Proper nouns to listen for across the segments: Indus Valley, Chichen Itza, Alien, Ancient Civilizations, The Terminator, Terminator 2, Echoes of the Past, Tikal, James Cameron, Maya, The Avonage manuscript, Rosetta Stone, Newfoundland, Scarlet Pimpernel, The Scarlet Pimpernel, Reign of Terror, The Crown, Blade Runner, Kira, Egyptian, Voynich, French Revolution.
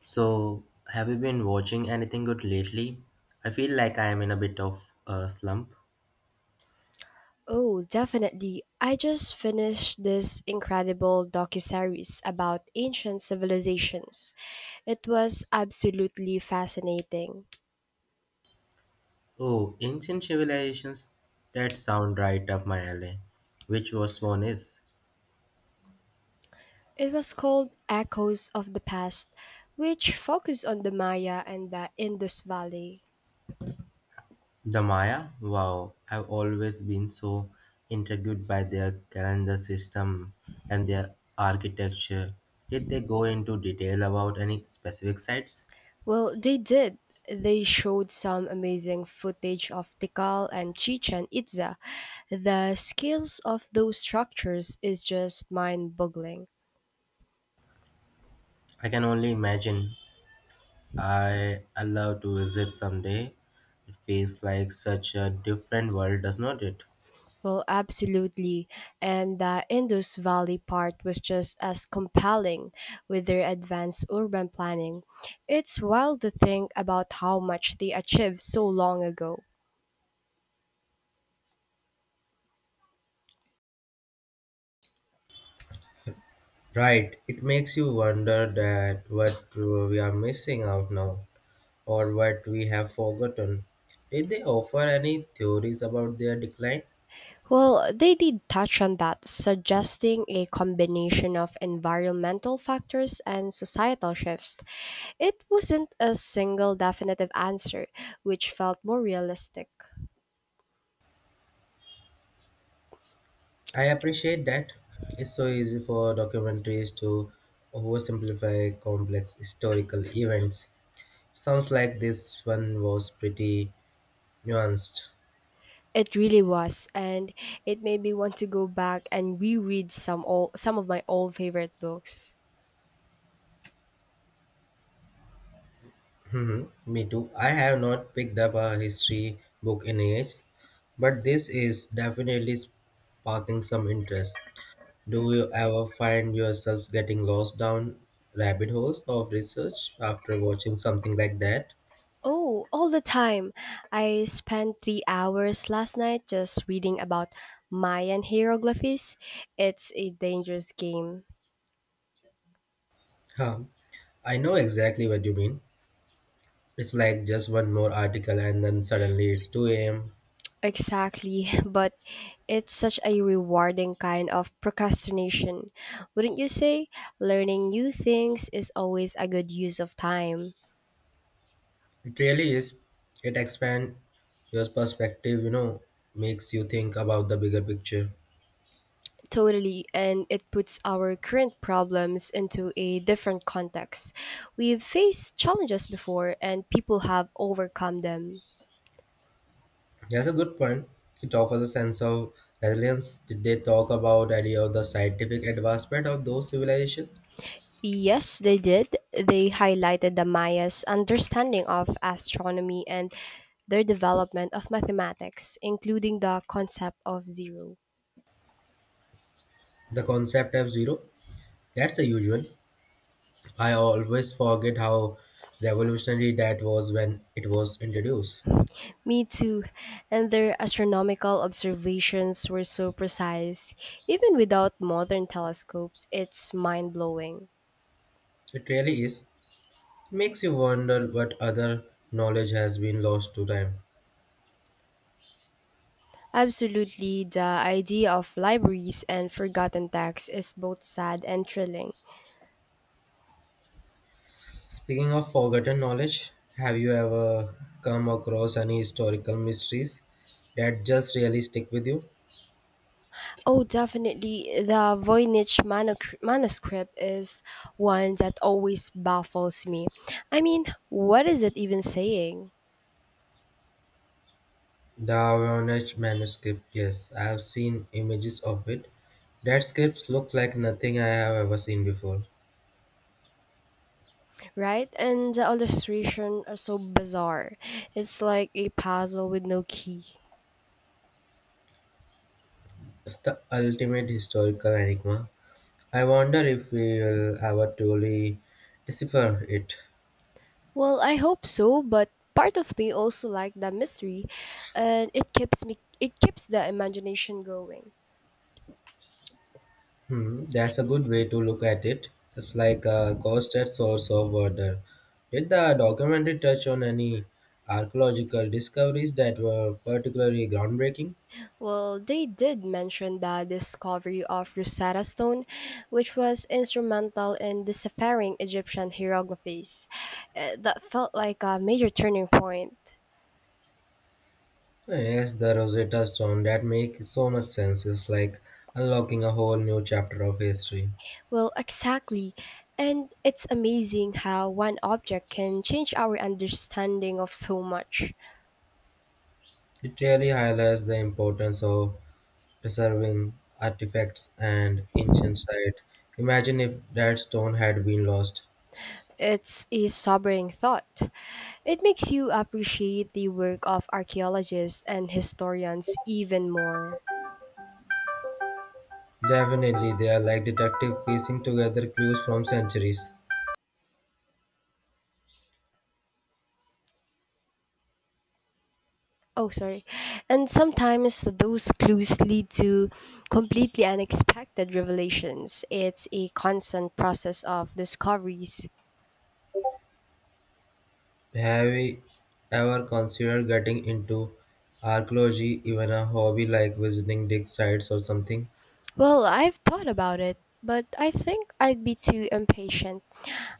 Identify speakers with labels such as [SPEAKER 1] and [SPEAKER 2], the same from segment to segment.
[SPEAKER 1] So, have you been watching anything good lately? I feel like I am in a bit of a slump.
[SPEAKER 2] Oh, definitely. I just finished this incredible docuseries about ancient civilizations. It was absolutely fascinating.
[SPEAKER 1] Oh, Ancient Civilizations? That sound right up my alley. Which was one is?
[SPEAKER 2] It was called Echoes of the Past, which focused on the Maya and the Indus Valley.
[SPEAKER 1] The Maya? Wow, I've always been so intrigued by their calendar system and their architecture. Did they go into detail about any specific sites?
[SPEAKER 2] Well, they did. They showed some amazing footage of Tikal and Chichen Itza. The scales of those structures is just mind boggling.
[SPEAKER 1] I can only imagine I love to visit someday. It feels like such a different world, does not it?
[SPEAKER 2] Well, absolutely. And the Indus Valley part was just as compelling with their advanced urban planning. It's wild to think about how much they achieved so long ago.
[SPEAKER 1] Right. It makes you wonder that what we are missing out now, or what we have forgotten. Did they offer any theories about their decline?
[SPEAKER 2] Well, they did touch on that, suggesting a combination of environmental factors and societal shifts. It wasn't a single definitive answer, which felt more realistic.
[SPEAKER 1] I appreciate that. It's so easy for documentaries to oversimplify complex historical events. Sounds like this one was pretty nuanced.
[SPEAKER 2] It really was, and it made me want to go back and reread some old, some of my old favorite books.
[SPEAKER 1] Mhm, me too. I have not picked up a history book in years, but this is definitely sparking some interest. Do you ever find yourselves getting lost down rabbit holes of research after watching something like that?
[SPEAKER 2] Oh, all the time. I spent 3 hours last night just reading about Mayan hieroglyphs. It's a dangerous game.
[SPEAKER 1] Huh. I know exactly what you mean. It's like just one more article and then suddenly it's 2 a.m.
[SPEAKER 2] Exactly, but it's such a rewarding kind of procrastination. Wouldn't you say? Learning new things is always a good use of time.
[SPEAKER 1] It really is. It expands your perspective, makes you think about the bigger picture.
[SPEAKER 2] Totally, and it puts our current problems into a different context. We've faced challenges before, and people have overcome them.
[SPEAKER 1] Yeah, that's a good point. It offers a sense of resilience. Did they talk about any of the scientific advancement of those civilizations?
[SPEAKER 2] Yes, they did. They highlighted the Maya's understanding of astronomy and their development of mathematics, including the concept of zero.
[SPEAKER 1] The concept of zero? That's a huge one. I always forget how revolutionary that was when it was introduced.
[SPEAKER 2] Me too. And their astronomical observations were so precise. Even without modern telescopes, it's mind blowing.
[SPEAKER 1] It really is. It makes you wonder what other knowledge has been lost to time.
[SPEAKER 2] Absolutely, the idea of libraries and forgotten texts is both sad and thrilling.
[SPEAKER 1] Speaking of forgotten knowledge, have you ever come across any historical mysteries that just really stick with you?
[SPEAKER 2] Oh, definitely, the manuscript is one that always baffles me. I mean, what is it even saying,
[SPEAKER 1] The Avonage manuscript, yes, I have seen images of it. That script looked like nothing I have ever seen before.
[SPEAKER 2] right? And the illustration are so bizarre. It's like a puzzle with no key.
[SPEAKER 1] It's the ultimate historical enigma. I wonder if we will ever truly decipher it.
[SPEAKER 2] Well, I hope so, but part of me also like the mystery, and it keeps the imagination going.
[SPEAKER 1] Hmm, that's a good way to look at it. It's like a constant source of wonder. Did the documentary touch on any archaeological discoveries that were particularly groundbreaking?
[SPEAKER 2] Well, they did mention the discovery of Rosetta Stone, which was instrumental in deciphering Egyptian hieroglyphs. That felt like a major turning point.
[SPEAKER 1] Yes, the Rosetta Stone that makes so much sense. It's like unlocking a whole new chapter of history.
[SPEAKER 2] Well, exactly. And it's amazing how one object can change our understanding of so much.
[SPEAKER 1] It really highlights the importance of preserving artifacts and ancient sites. Imagine if that stone had been lost.
[SPEAKER 2] It's a sobering thought. It makes you appreciate the work of archaeologists and historians even more.
[SPEAKER 1] Definitely, they are like detective piecing together clues from centuries.
[SPEAKER 2] Oh, sorry. And sometimes those clues lead to completely unexpected revelations. It's a constant process of discoveries.
[SPEAKER 1] Have you ever considered getting into archaeology, even a hobby like visiting dig sites or something?
[SPEAKER 2] Well, I've thought about it, but I think I'd be too impatient.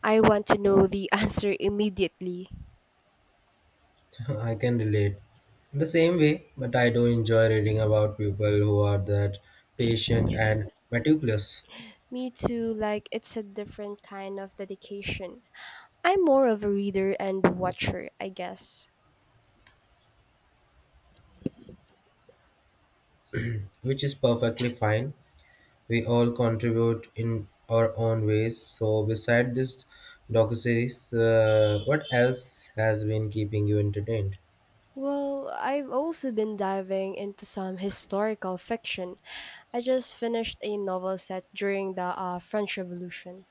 [SPEAKER 2] I want to know the answer immediately.
[SPEAKER 1] I can relate in the same way, but I do enjoy reading about people who are that patient and meticulous,
[SPEAKER 2] Me too, like it's a different kind of dedication. I'm more of a reader and watcher, I guess.
[SPEAKER 1] which is perfectly fine. We all contribute in our own ways. So, beside this docuseries, what else has been keeping you entertained?
[SPEAKER 2] Well, I've also been diving into some historical fiction. I just finished a novel set during the French Revolution.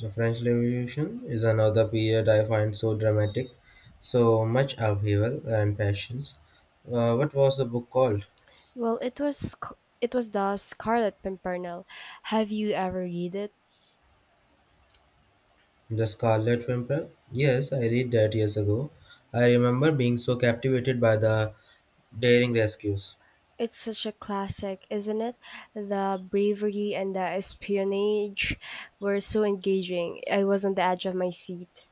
[SPEAKER 1] The French Revolution is another period I find so dramatic, so much upheaval and passions. What was the book called?
[SPEAKER 2] Well, it was the Scarlet Pimpernel. Have you ever read it?
[SPEAKER 1] The Scarlet Pimpernel? Yes, I read that years ago. I remember being so captivated by the daring rescues.
[SPEAKER 2] It's such a classic, isn't it? The bravery and the espionage were so engaging. I was on the edge of my seat.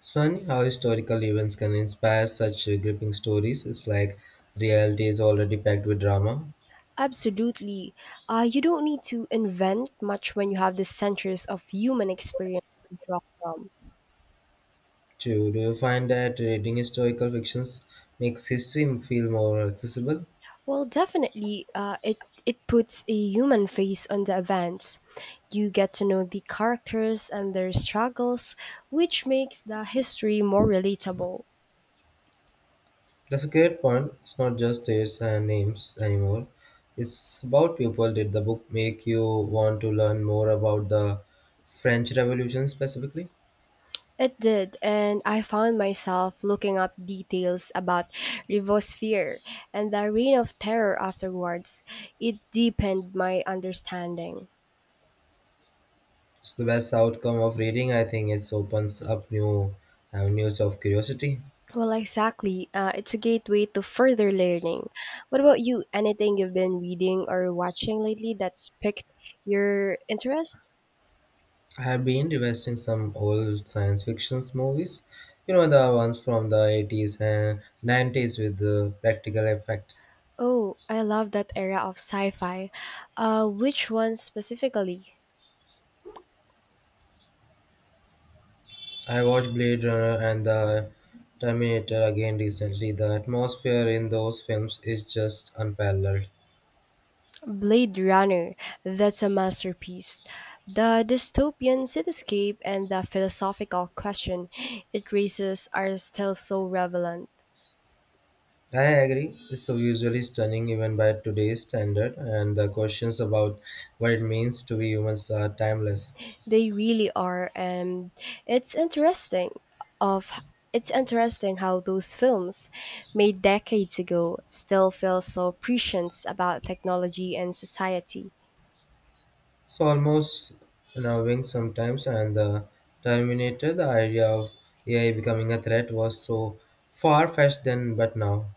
[SPEAKER 1] It's funny how historical events can inspire such gripping stories. It's like reality is already packed with drama.
[SPEAKER 2] Absolutely. You don't need to invent much when you have the centuries of human experience to draw from.
[SPEAKER 1] True. Do you find that reading historical fictions makes history feel more accessible?
[SPEAKER 2] Well, definitely, it puts a human face on the events. You get to know the characters and their struggles, which makes the history more relatable.
[SPEAKER 1] That's a great point. It's not just dates and names anymore. It's about people. Did the book make you want to learn more about the French Revolution specifically?
[SPEAKER 2] It did, and I found myself looking up details about Rivosphere and the Reign of Terror afterwards. It deepened my understanding.
[SPEAKER 1] It's the best outcome of reading, I think. It opens up new avenues of curiosity.
[SPEAKER 2] Well, exactly. It's a gateway to further learning. What about you? Anything you've been reading or watching lately that's piqued your interest?
[SPEAKER 1] I have been revisiting some old science fiction movies, the ones from the 80s and 90s with the practical effects.
[SPEAKER 2] Oh, I love that era of sci fi. Which one specifically?
[SPEAKER 1] I watched Blade Runner and the Terminator again recently. The atmosphere in those films is just unparalleled.
[SPEAKER 2] Blade Runner. That's a masterpiece. The dystopian cityscape and the philosophical question it raises are still so relevant.
[SPEAKER 1] I agree. It's so visually stunning even by today's standard, and the questions about what it means to be humans are timeless.
[SPEAKER 2] They really are, and it's interesting of it's interesting how those films made decades ago still feel so prescient about technology and society.
[SPEAKER 1] So almost unnerving sometimes, and the Terminator, the idea of AI becoming a threat was so far-fetched then, but now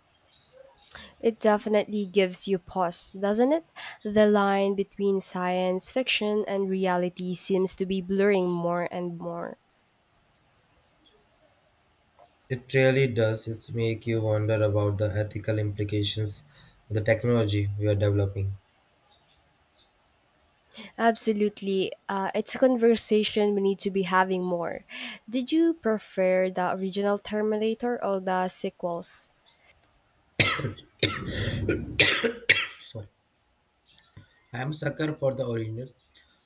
[SPEAKER 2] It definitely gives you pause, doesn't it? The line between science fiction and reality seems to be blurring more and more.
[SPEAKER 1] it really does. It make you wonder about the ethical implications of the technology we are developing.
[SPEAKER 2] Absolutely. It's a conversation we need to be having more. Did you prefer the original Terminator or the sequels?
[SPEAKER 1] Sorry, I'm sucker for the original.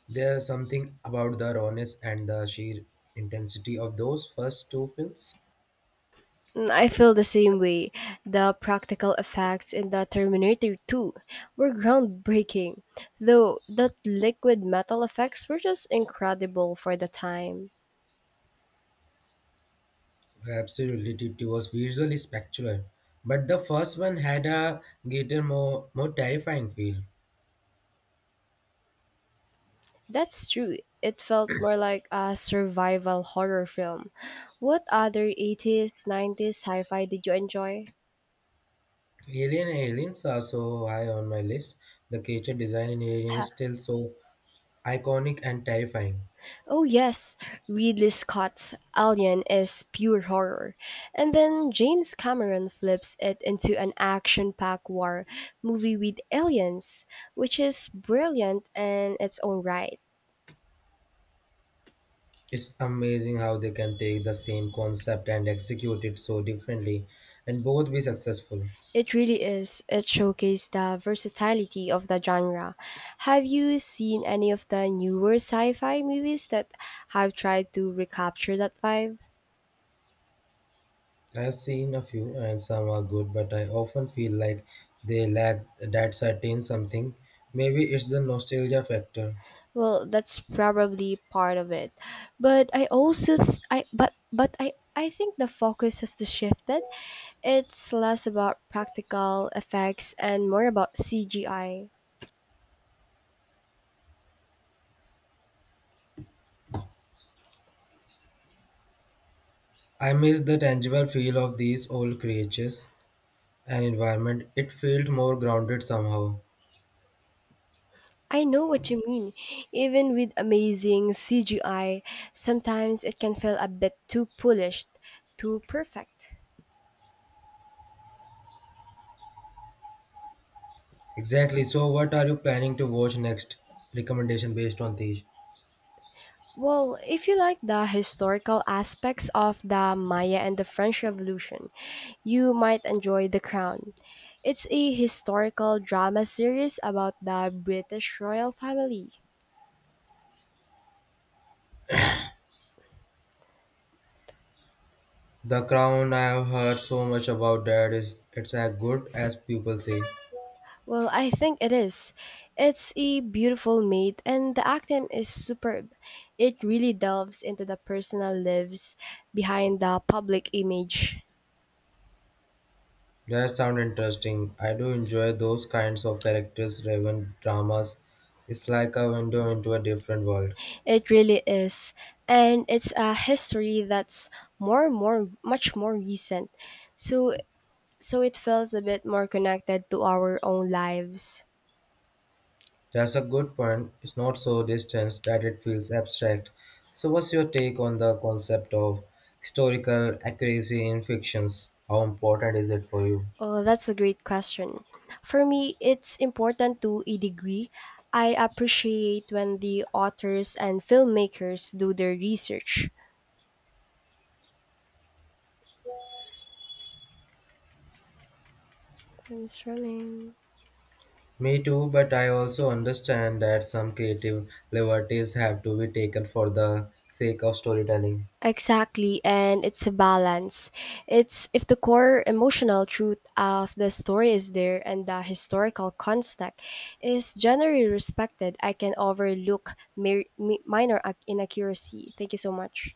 [SPEAKER 1] There's something about the rawness and the sheer intensity of those first two films.
[SPEAKER 2] Mm, I feel the same way. The practical effects in the Terminator 2 were groundbreaking, though the liquid metal effects were just incredible for the time.
[SPEAKER 1] Absolutely, Titi was visually spectacular, but the first one had a greater, more terrifying feel.
[SPEAKER 2] That's true. It felt more like a survival horror film. What other 80s, 90s sci fi did you enjoy?
[SPEAKER 1] Alien aliens are so high on my list. The creature design in Alien is still so iconic and terrifying.
[SPEAKER 2] Oh yes, Ridley Scott's Alien is pure horror, and then James Cameron flips it into an action-packed war movie with aliens, which is brilliant in its own right.
[SPEAKER 1] It's amazing how they can take the same concept and execute it so differently, and both be successful.
[SPEAKER 2] It really is. It showcases the versatility of the genre. Have you seen any of the newer sci-fi movies that have tried to recapture that vibe?
[SPEAKER 1] I've seen a few, and some are good, but I often feel like they lack that certain something. Maybe it's the nostalgia factor.
[SPEAKER 2] Well, that's probably part of it. But I also th- I but I think the focus has to shifted. It's less about practical effects and more about CGI.
[SPEAKER 1] I miss the tangible feel of these old creatures and environment. It felt more grounded somehow.
[SPEAKER 2] I know what you mean. Even with amazing CGI, sometimes it can feel a bit too polished, too perfect.
[SPEAKER 1] Exactly. So, what are you planning to watch next? Recommendation based on these.
[SPEAKER 2] Well, if you like the historical aspects of the Maya and the French Revolution, you might enjoy The Crown. It's a historical drama series about the British royal family.
[SPEAKER 1] The Crown. I have heard so much about that. Is it's as good as people say.
[SPEAKER 2] Well, I think it is. It's a beautiful made and the acting is superb. It really delves into the personal lives behind the public image.
[SPEAKER 1] That sound interesting. I do enjoy those kinds of characters driven dramas. It's like a window into a different world.
[SPEAKER 2] It really is. And it's a history that's more more much more recent. So so it feels a bit more connected to our own lives.
[SPEAKER 1] That's a good point. It's not so distant that it feels abstract. So, what's your take on the concept of historical accuracy in fictions? How important is it for you?
[SPEAKER 2] Oh, that's a great question. For me, it's important to a degree. I appreciate when the authors and filmmakers do their research. Time is running.
[SPEAKER 1] Me too, but I also understand that some creative liberties have to be taken for the sake of storytelling.
[SPEAKER 2] Exactly, and it's a balance. It's if the core emotional truth of the story is there and the historical context is generally respected, I can overlook minor inaccuracy. Thank you so much.